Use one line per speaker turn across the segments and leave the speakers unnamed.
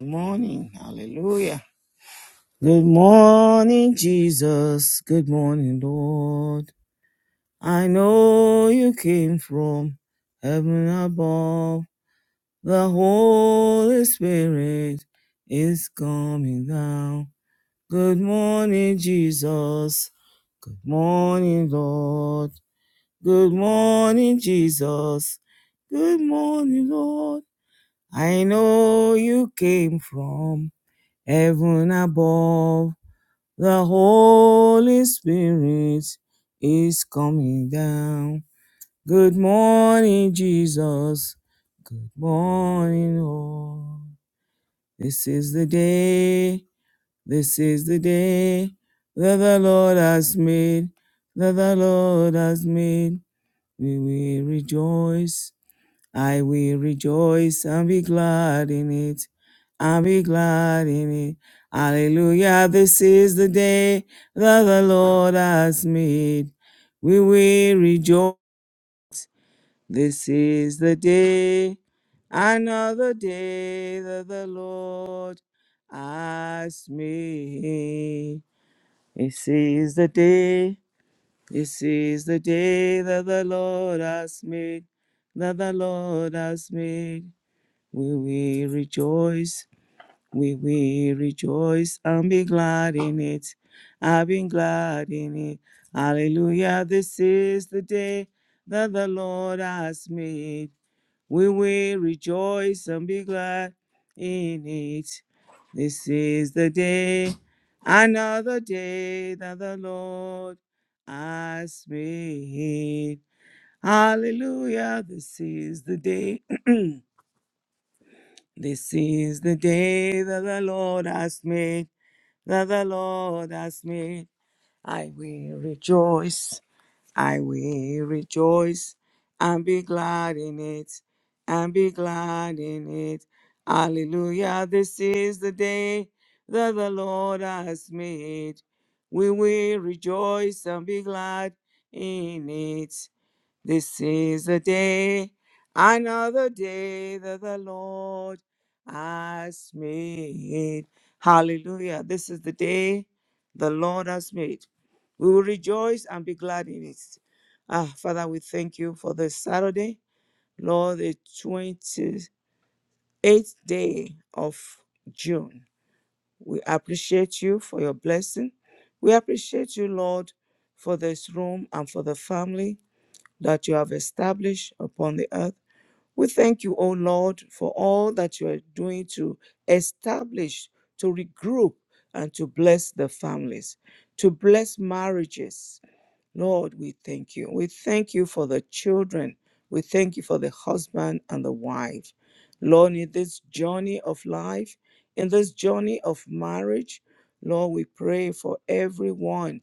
Good morning. Hallelujah. Good morning, Jesus. Good morning, Lord. I know you came from heaven above. The Holy Spirit is coming down. Good morning, Jesus. Good morning, Lord. Good morning, Jesus. Good morning, Lord. I know you came from heaven above. The Holy Spirit is coming down. Good morning, Jesus. Good morning, all. This is the day, this is the day that the Lord has made, that the Lord has made. We will rejoice I will rejoice and be glad in it. I'll be glad in it. Hallelujah. This is the day that the Lord has made. We will rejoice. This is the day, another day that the Lord has made. This is the day. This is the day that the Lord has made. That the Lord has made. We will rejoice, we will rejoice and be glad in it. I've been glad in it. Hallelujah, this is the day that the Lord has made. We will rejoice and be glad in it. This is the day, another day that the Lord has made. Hallelujah, this is the day. This is the day that the Lord has made, that the Lord has made. I will rejoice, I will rejoice, and be glad in it, and be glad in it. Hallelujah. This is the day that the Lord has made. We will rejoice and be glad in it. This is the day, another day that the Lord has made. Hallelujah. This is the day the Lord has made. We will rejoice and be glad in it. Ah, Father, we thank you for this Saturday, Lord, the 28th day of June. We appreciate you for your blessing. We appreciate you, Lord, for this room and for the family that you have established upon the earth. We thank you, O Lord, for all that you are doing to establish, to regroup, and to bless the families, to bless marriages. Lord, we thank you. We thank you for the children. We thank you for the husband and the wife. Lord, in this journey of life, in this journey of marriage, Lord, we pray for everyone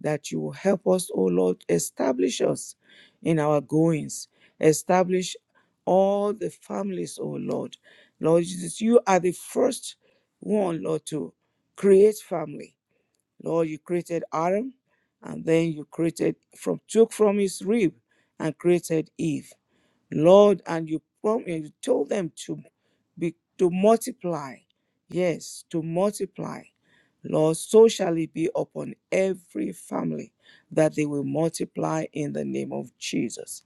that you will help us, oh Lord, establish us in our goings, establish all the families, oh Lord. Lord Jesus, you are the first one, Lord, to create family. Lord, you created Adam, and then you created from took from his rib and created Eve. Lord, and you prom- and you told them to be to multiply. Yes, to multiply. Lord, so shall it be upon every family that they will multiply in the name of Jesus.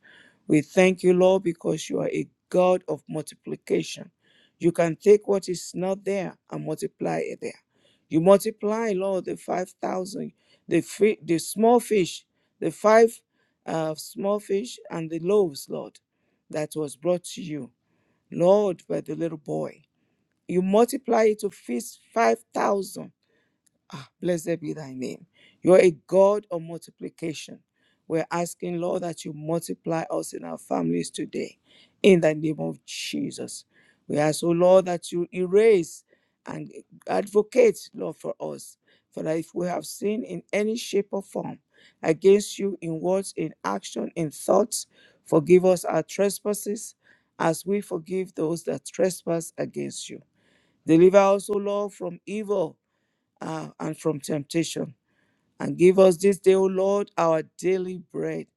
We thank you, Lord, because you are a God of multiplication. You can take what is not there and multiply it there. You multiply, Lord, the 5,000, the, fi- the small fish, the five uh, small fish and the loaves, Lord that was brought to you, Lord, by the little boy. You multiply it to feast 5,000 Ah, blessed be thy name. You're a God of multiplication. We're asking, Lord, that you multiply us in our families today in the name of Jesus. We ask, oh Lord, that you erase and advocate, Lord, for us. For that if we have sinned in any shape or form against you in words, in action, in thoughts, forgive us our trespasses as we forgive those that trespass against you. Deliver us, O Lord, from evil uh, and from temptation. And give us this day, O Lord, our daily bread,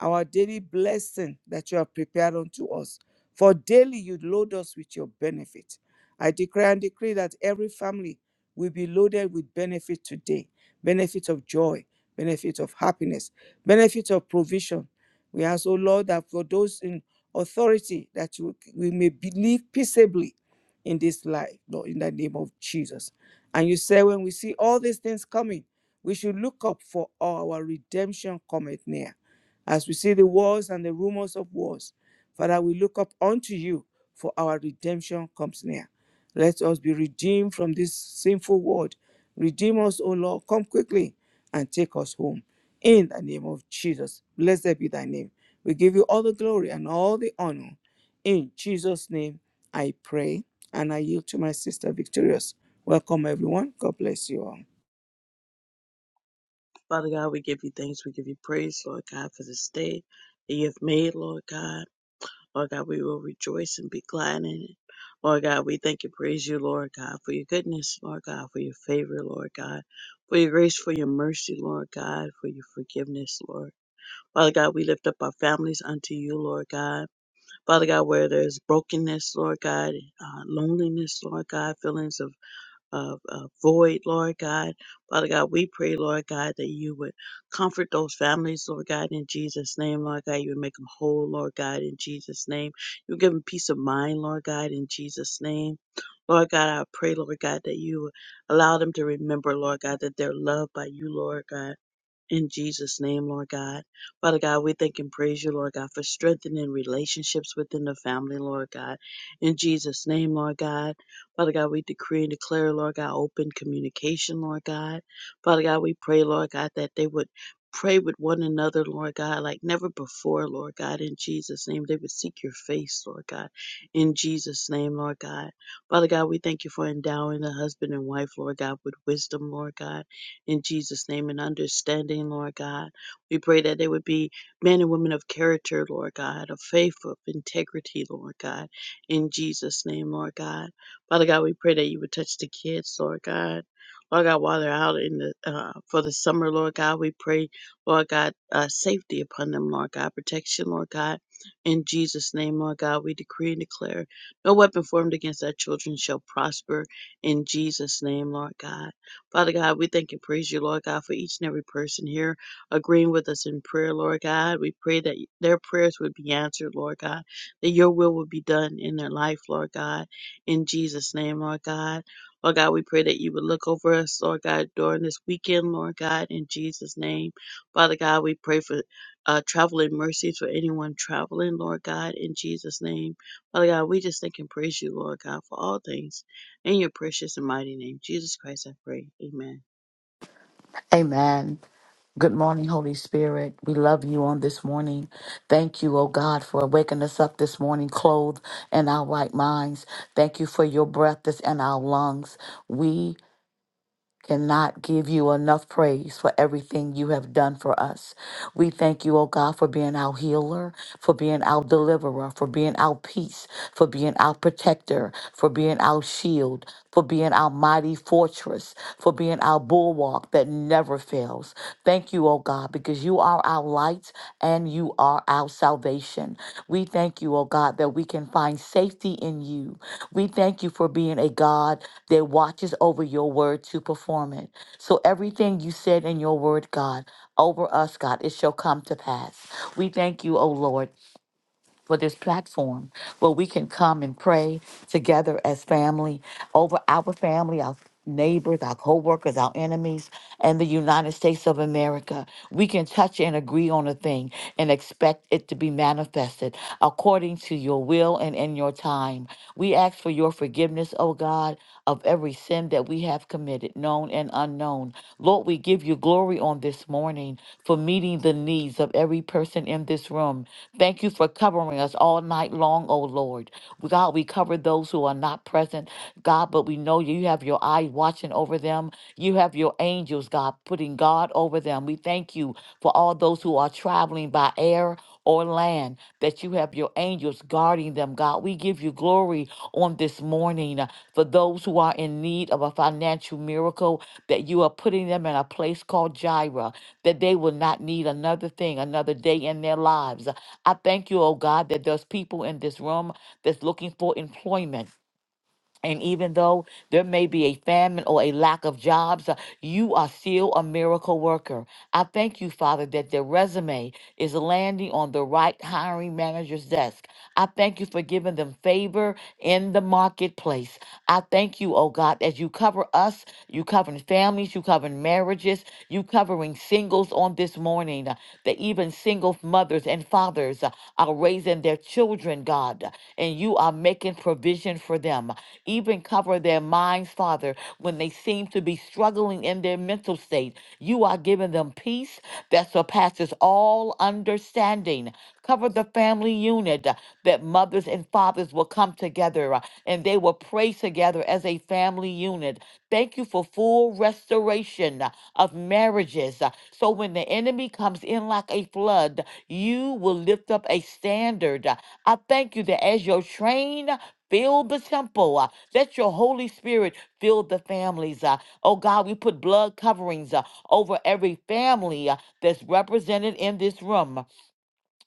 our daily blessing that you have prepared unto us. For daily you load us with your benefit. I declare and decree that every family will be loaded with benefit today benefit of joy, benefit of happiness, benefit of provision. We ask, O Lord, that for those in authority, that you- we may believe peaceably in this life, Lord, in the name of Jesus. And you say, when we see all these things coming, we should look up for our redemption cometh near. As we see the wars and the rumors of wars, Father, we look up unto you for our redemption comes near. Let us be redeemed from this sinful world. Redeem us, O Lord. Come quickly and take us home. In the name of Jesus, blessed be thy name. We give you all the glory and all the honor. In Jesus' name, I pray and I yield to my sister Victorious. Welcome, everyone. God bless you all.
Father God, we give you thanks. We give you praise, Lord God, for this day that you have made, Lord God. Lord God, we will rejoice and be glad in it. Lord God, we thank and praise you, Lord God, for your goodness, Lord God, for your favor, Lord God, for your grace, for your mercy, Lord God, for your forgiveness, Lord. Father God, we lift up our families unto you, Lord God. Father God, where there's brokenness, Lord God, uh, loneliness, Lord God, feelings of uh, uh, void, Lord God. Father God, we pray, Lord God, that you would comfort those families, Lord God, in Jesus' name, Lord God. You would make them whole, Lord God, in Jesus' name. You would give them peace of mind, Lord God, in Jesus' name. Lord God, I pray, Lord God, that you would allow them to remember, Lord God, that they're loved by you, Lord God in Jesus' name, Lord God. Father God, we thank and praise you, Lord God, for strengthening relationships within the family, Lord God. In Jesus' name, Lord God. Father God, we decree and declare, Lord God, open communication, Lord God. Father God, we pray, Lord God, that they would pray with one another, Lord God, like never before, Lord God. In Jesus' name, they would seek your face, Lord God. In Jesus' name, Lord God. Father God, we thank you for endowing the husband and wife, Lord God, with wisdom, Lord God in Jesus' name and understanding, Lord God. We pray that they would be men and women of character, Lord God, of faith, of integrity, Lord God, in Jesus' name, Lord God. Father God, we pray that you would touch the kids, Lord God. Lord God, while they're out in the uh, for the summer, Lord God, we pray, Lord God, uh, safety upon them, Lord God, protection, Lord God, in Jesus' name, Lord God, we decree and declare, no weapon formed against our children shall prosper, in Jesus' name, Lord God. Father God, we thank and praise you, Lord God, for each and every person here agreeing with us in prayer, Lord God. We pray that their prayers would be answered, Lord God, that your will would be done in their life, Lord God. In Jesus' name, Lord God. Lord God, we pray that you would look over us, Lord God, during this weekend, Lord God, in Jesus' name. Father God, we pray for uh, traveling mercies for anyone traveling, Lord God, in Jesus' name. Father God, we just thank and praise you, Lord God, for all things. In your precious and mighty name, Jesus Christ, I pray. Amen.
Amen. Good morning, Holy Spirit. We love you on this morning. Thank you, oh God, for waking us up this morning, clothed in our right minds. Thank you for your breath that's in our lungs. We cannot give you enough praise for everything you have done for us. We thank you, oh God, for being our healer, for being our deliverer, for being our peace, for being our protector, for being our shield, for being our mighty fortress, for being our bulwark that never fails. Thank you, oh God. God, because you are our light and you are our salvation. We thank you, oh God, that we can find safety in you. We thank you for being a God that watches over your word to perform it. So everything you said in your word, God, over us, God, it shall come to pass. We thank you, O Lord for this platform where we can come and pray together as family over our family, our neighbors, our co-workers, our enemies, and the United States of America. We can touch and agree on a thing and expect it to be manifested according to your will and in your time. We ask for your forgiveness, oh God, of every sin that we have committed, known and unknown. Lord, we give you glory on this morning for meeting the needs of every person in this room. Thank you for covering us all night long, oh Lord. God, we cover those who are not present, God, but we know you have your eye watching over them. You have your angels, God, putting God over them. We thank you for all those those who are traveling by air or land, that you have your angels guarding them, God. We give you glory on this morning uh, for those who are in need of a financial miracle, that you are putting them in a place called Jireh, that they will not need another thing, another day in their lives. I thank you, oh God, that there's people in this room that's looking for employment and even though there may be a famine or a lack of jobs, uh, you are still a miracle worker. I thank you, Father, that the resume is landing on the right hiring manager's desk. I thank you for giving them favor in the marketplace. I thank you, oh God, as you cover us, you covering families, you covering marriages, you covering singles on this morning, uh, that even single mothers and fathers uh, are raising their children, God, uh, and you are uh, making provision for them. Even cover their minds, Father, when they seem to be struggling in their mental state. You are giving them peace that surpasses all understanding. Cover the family unit uh, that mothers and fathers will come together uh, and they will pray together as a family unit. Thank you for full restoration uh, of marriages. uh, So when the enemy comes in like a flood, you will lift up a standard. uh, I thank you that as your train fill the temple, uh, let your Holy Spirit fill the families. Uh, oh God, we put blood coverings uh, over every family uh, that's represented in this room.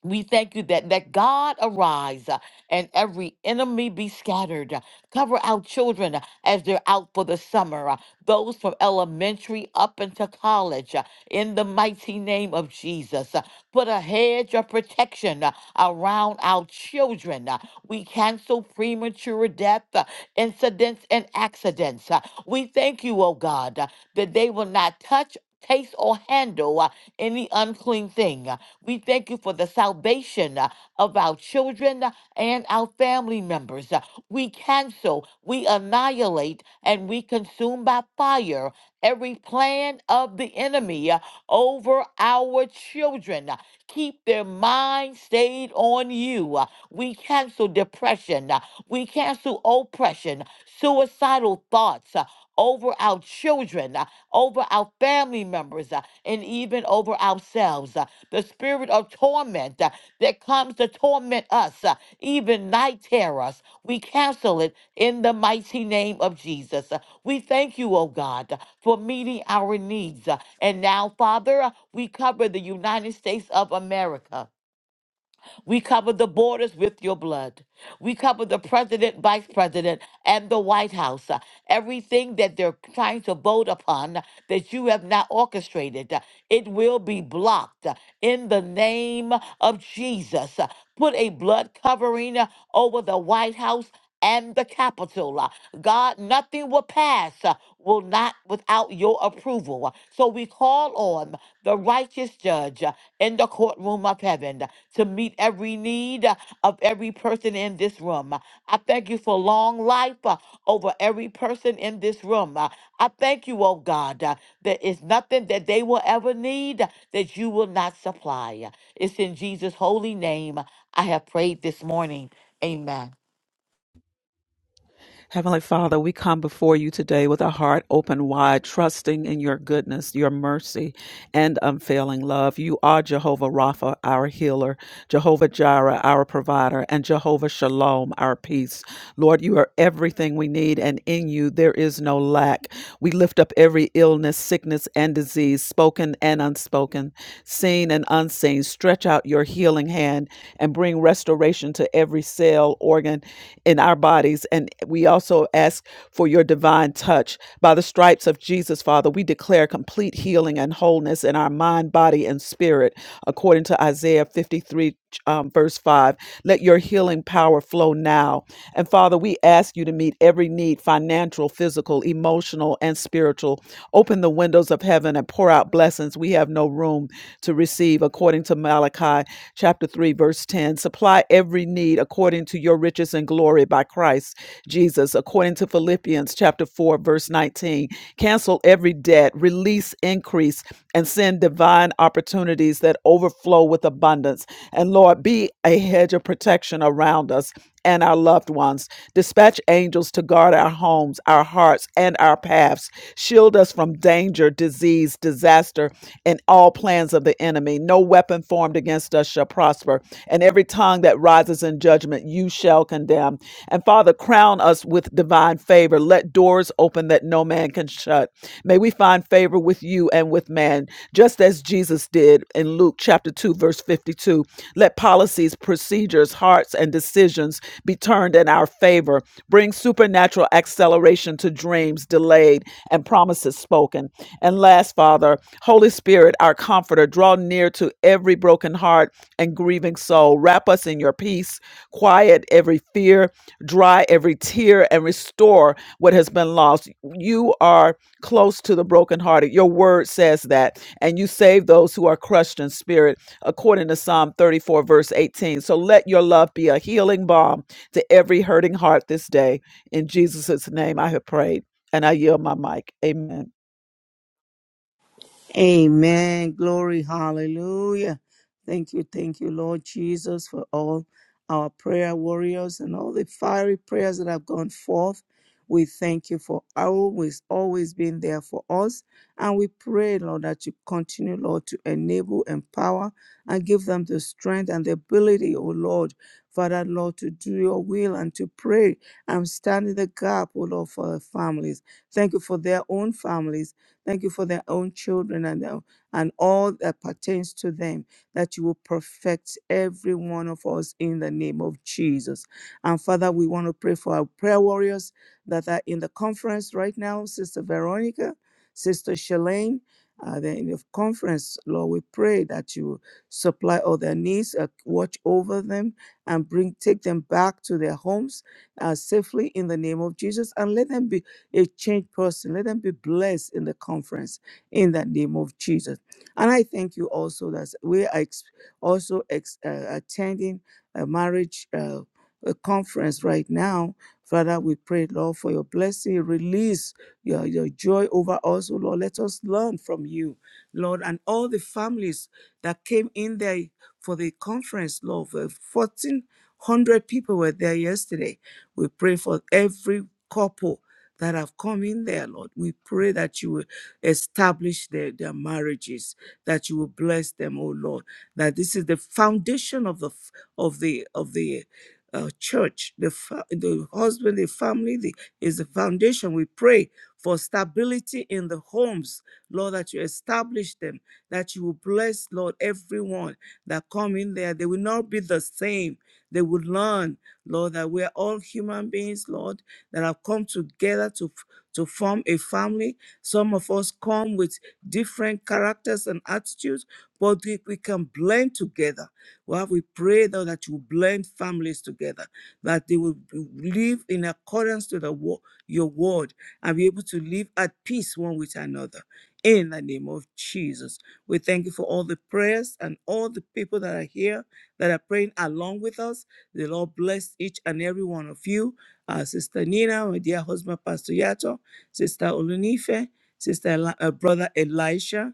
We thank you that let God arise uh, and every enemy be scattered. Uh, Cover our children uh, as they're out for the summer, uh, those from elementary up into college, uh, in the mighty name of Jesus. Uh, Put a hedge of protection uh, around our children. Uh, We cancel premature death, uh, incidents, and accidents. Uh, We thank you, oh God, uh, that they will not touch, taste, or handle uh, any unclean thing. We thank you for the salvation uh, of our children uh, and our family members. Uh, We cancel, we annihilate, and we consume by fire every plan of the enemy uh, over our children. Uh, Keep their mind stayed on you. Uh, We cancel depression. Uh, We cancel oppression, suicidal thoughts. uh, Over our children, uh, over our family members, uh, and even over ourselves. uh the spirit of torment uh, that comes to torment us, uh, even night terrors. We cancel it in the mighty name of Jesus. Uh, We thank you, oh God, uh, for meeting our needs. Uh, And now, Father, uh, we cover the United States of America. We cover the borders with your blood. We cover the president, vice president, and the White House. uh, Everything that they're trying to vote upon uh, that you have not orchestrated, uh, it will be blocked uh, in the name of Jesus. Uh, Put a blood covering uh, over the White House and the Capitol. Uh, God, nothing will pass, uh, will not without your approval. Uh, So we call on the righteous judge uh, in the courtroom of heaven uh, to meet every need uh, of every person in this room. Uh, I thank you for long life uh, over every person in this room. Uh, I thank you, oh God, uh, there is nothing that they will ever need uh, that you will not supply. Uh, It's in Jesus' holy name I have prayed this morning. Amen.
Heavenly Father, we come before you today with a heart open wide, trusting in your goodness, your mercy, and unfailing love. You are Jehovah Rapha, our healer, Jehovah Jireh, our provider, and Jehovah Shalom, our peace. Lord, you are everything we need, and in you there is no lack. We lift up every illness, sickness, and disease, spoken and unspoken, seen and unseen. Stretch out your healing hand and bring restoration connection to every cell, organ in our bodies. And we also ask for your divine touch. By the stripes of Jesus, Father, we declare complete healing and wholeness in our mind, body, and spirit, according to Isaiah 53. Um, verse 5 let your healing power flow now and father we ask you to meet every need financial physical emotional and spiritual open the windows of heaven and pour out blessings we have no room to receive according according to Malachi chapter 3, verse 10. Supply every need according to your riches and glory by Christ Jesus, according to Philippians chapter 4, verse 19. Cancel every debt, release increase, and send divine opportunities that overflow with abundance. And Lord, be a hedge of protection around us and our loved ones. Dispatch angels to guard our homes, our hearts, and our paths. Shield us from danger, disease, disaster, and all plans of the enemy. No weapon formed against us shall prosper, and every tongue that rises in judgment you shall condemn. And Father, crown us with divine favor. Let doors open that no man can shut. May we find favor with you and with man, just as Jesus did in Luke chapter 2, verse 52. Let policies, procedures, hearts, and decisions be turned in our favor. Bring supernatural acceleration to dreams delayed and promises spoken. And last, Father, Holy Spirit, our comforter, draw near to every broken heart and grieving soul. Wrap us in your peace, quiet every fear, dry every tear, and restore what has been lost. You are close to the brokenhearted. Your word says that. And you save those who are crushed in spirit, according to Psalm 34, verse 18. So let your love be a healing balm to every hurting heart this day. In Jesus' name I have prayed, and I yield my mic. Amen.
Amen. Glory. Hallelujah. Thank you. Thank you, Lord Jesus, for all our prayer warriors and all the fiery prayers that have gone forth. We thank you for always, always being there for us. And we pray, Lord, that you continue, Lord, to enable, empower, and give them the strength and the ability, oh Lord, Father, Lord, to do your will and to pray and stand in the gap, oh Lord, for their families. Thank you for their own families. Thank you for their own children and, their- and all that pertains to them, that you will perfect every one of us in the name of Jesus. And Father, we want to pray for our prayer warriors that are in the conference right now, Sister Veronica, Sister Shalane. Uh, they're in the conference, Lord, we pray that you supply all their needs, uh, watch over them, and bring take them back to their homes uh, safely in the name of Jesus, and let them be a changed person. Let them be blessed in the conference in the name of Jesus. And I thank you also that we are ex- also ex- uh, attending a marriage uh, a conference right now. Father, we pray, Lord, for your blessing, release your, your joy over us, oh Lord. Let us learn from you, Lord, and all the families that came in there for the conference, Lord. uh, 1,400 people were there yesterday. We pray for every couple that have come in there, Lord. We pray that you will establish their, their marriages, that you will bless them, oh Lord. That this is the foundation of the f- of the of the uh, church, the fa- the husband, the family the, is the foundation. We pray for stability in the homes, Lord, that you establish them, that you will bless, Lord, everyone that come in there. They will not be the same. They will learn, Lord, that we are all human beings, Lord that have come together to f- to form a family. Some of us come with different characters and attitudes, but we, we can blend together. Well, we pray though that you blend families together, that they will live in accordance to the wo- your word and be able to live at peace one with another. In the name of Jesus, we thank you for all the prayers and all the people that are here that are praying along with us. The Lord bless each and every one of you uh, Sister Nina, my dear husband, Pastor Yato, Sister Olunife, Sister Eli- uh, Brother Elisha,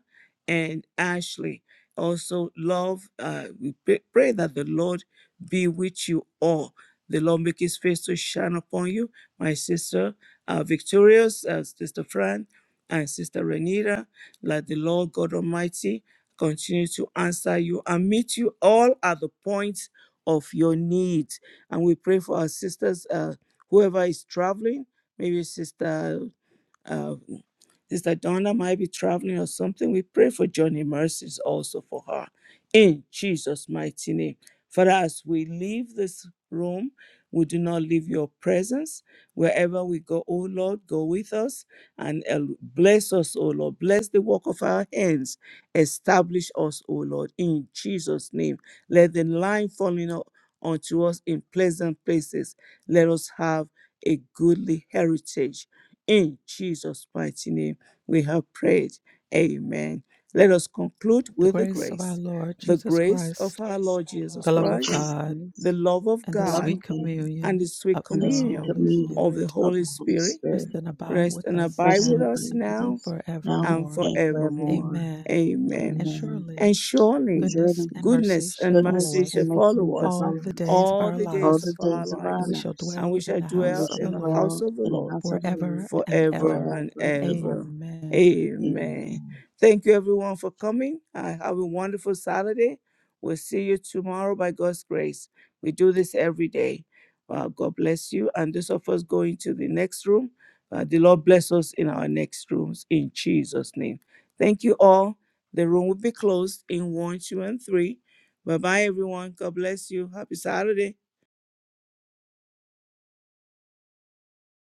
and Ashley. Also, love, uh, we pray pray that the Lord be with you all. The Lord make his face to shine upon you, my sister uh, Victorious, uh, Sister Fran, and Sister Renita. Let the Lord God Almighty continue to answer you and meet you all at the point of your need. And we pray for our sisters. uh, Whoever is traveling, maybe Sister uh, Sister Donna might be traveling or something. We pray for Johnny Mercies also for her. In Jesus' mighty name. Father, as we leave this room, we do not leave your presence. Wherever we go, oh Lord, go with us and uh, bless us, oh Lord. Bless the work of our hands. Establish us, oh Lord, in Jesus' name. Let the line falling up unto us in pleasant places. Let us have a goodly heritage in Jesus' mighty name, we have prayed. Amen. Let us conclude
The
with the
grace of our
grace.
Lord
The
Jesus
grace of
Christ,
our Lord Jesus
the love of
function
Christ,
of
God,
the
grace,
love of
and the
the love
God,
sweet
of God,
and
communion
the
of
sweet
and
the
the sweet
communion
Holy
communion
of the
Spirit
of the
Holy
Holy
Spirit
rest
Spirit
and abide
rest
with
and
us
abide
rest and
with
now
us
abide with
and
now
us now
and
forevermore.
and
forevermore.
forevermore.
Amen.
Amen.
And
Amen.
surely
And
And
surely
goodness
surely
and mercy
goodness
shall
and
follow
goodness
mercy shall
and
us
mercy
follow
shall
us
all
follow
the
us
days of
all
our
the
all
days
the
lives,
of our
days of
and
our
we
lives,
shall
lives,
and
dwell
we
in
shall
the
and we
house
dwell
of
shall
the
in the
Lord
house
dwell
of the
in the
Lord
house of the Lord
forever and
forever
ever.
forever
and
and ever.
ever.
Amen.
Amen.
Amen.
Thank you, everyone, for coming. Uh, have a wonderful Saturday. We'll see you tomorrow by God's grace. We do this every day. Uh, God bless you. And those of us going to the next room, uh, the Lord bless us in our next rooms in Jesus' name. Thank you all. The room will be closed in one, two, and three. Bye bye, everyone. God bless you. Happy Saturday.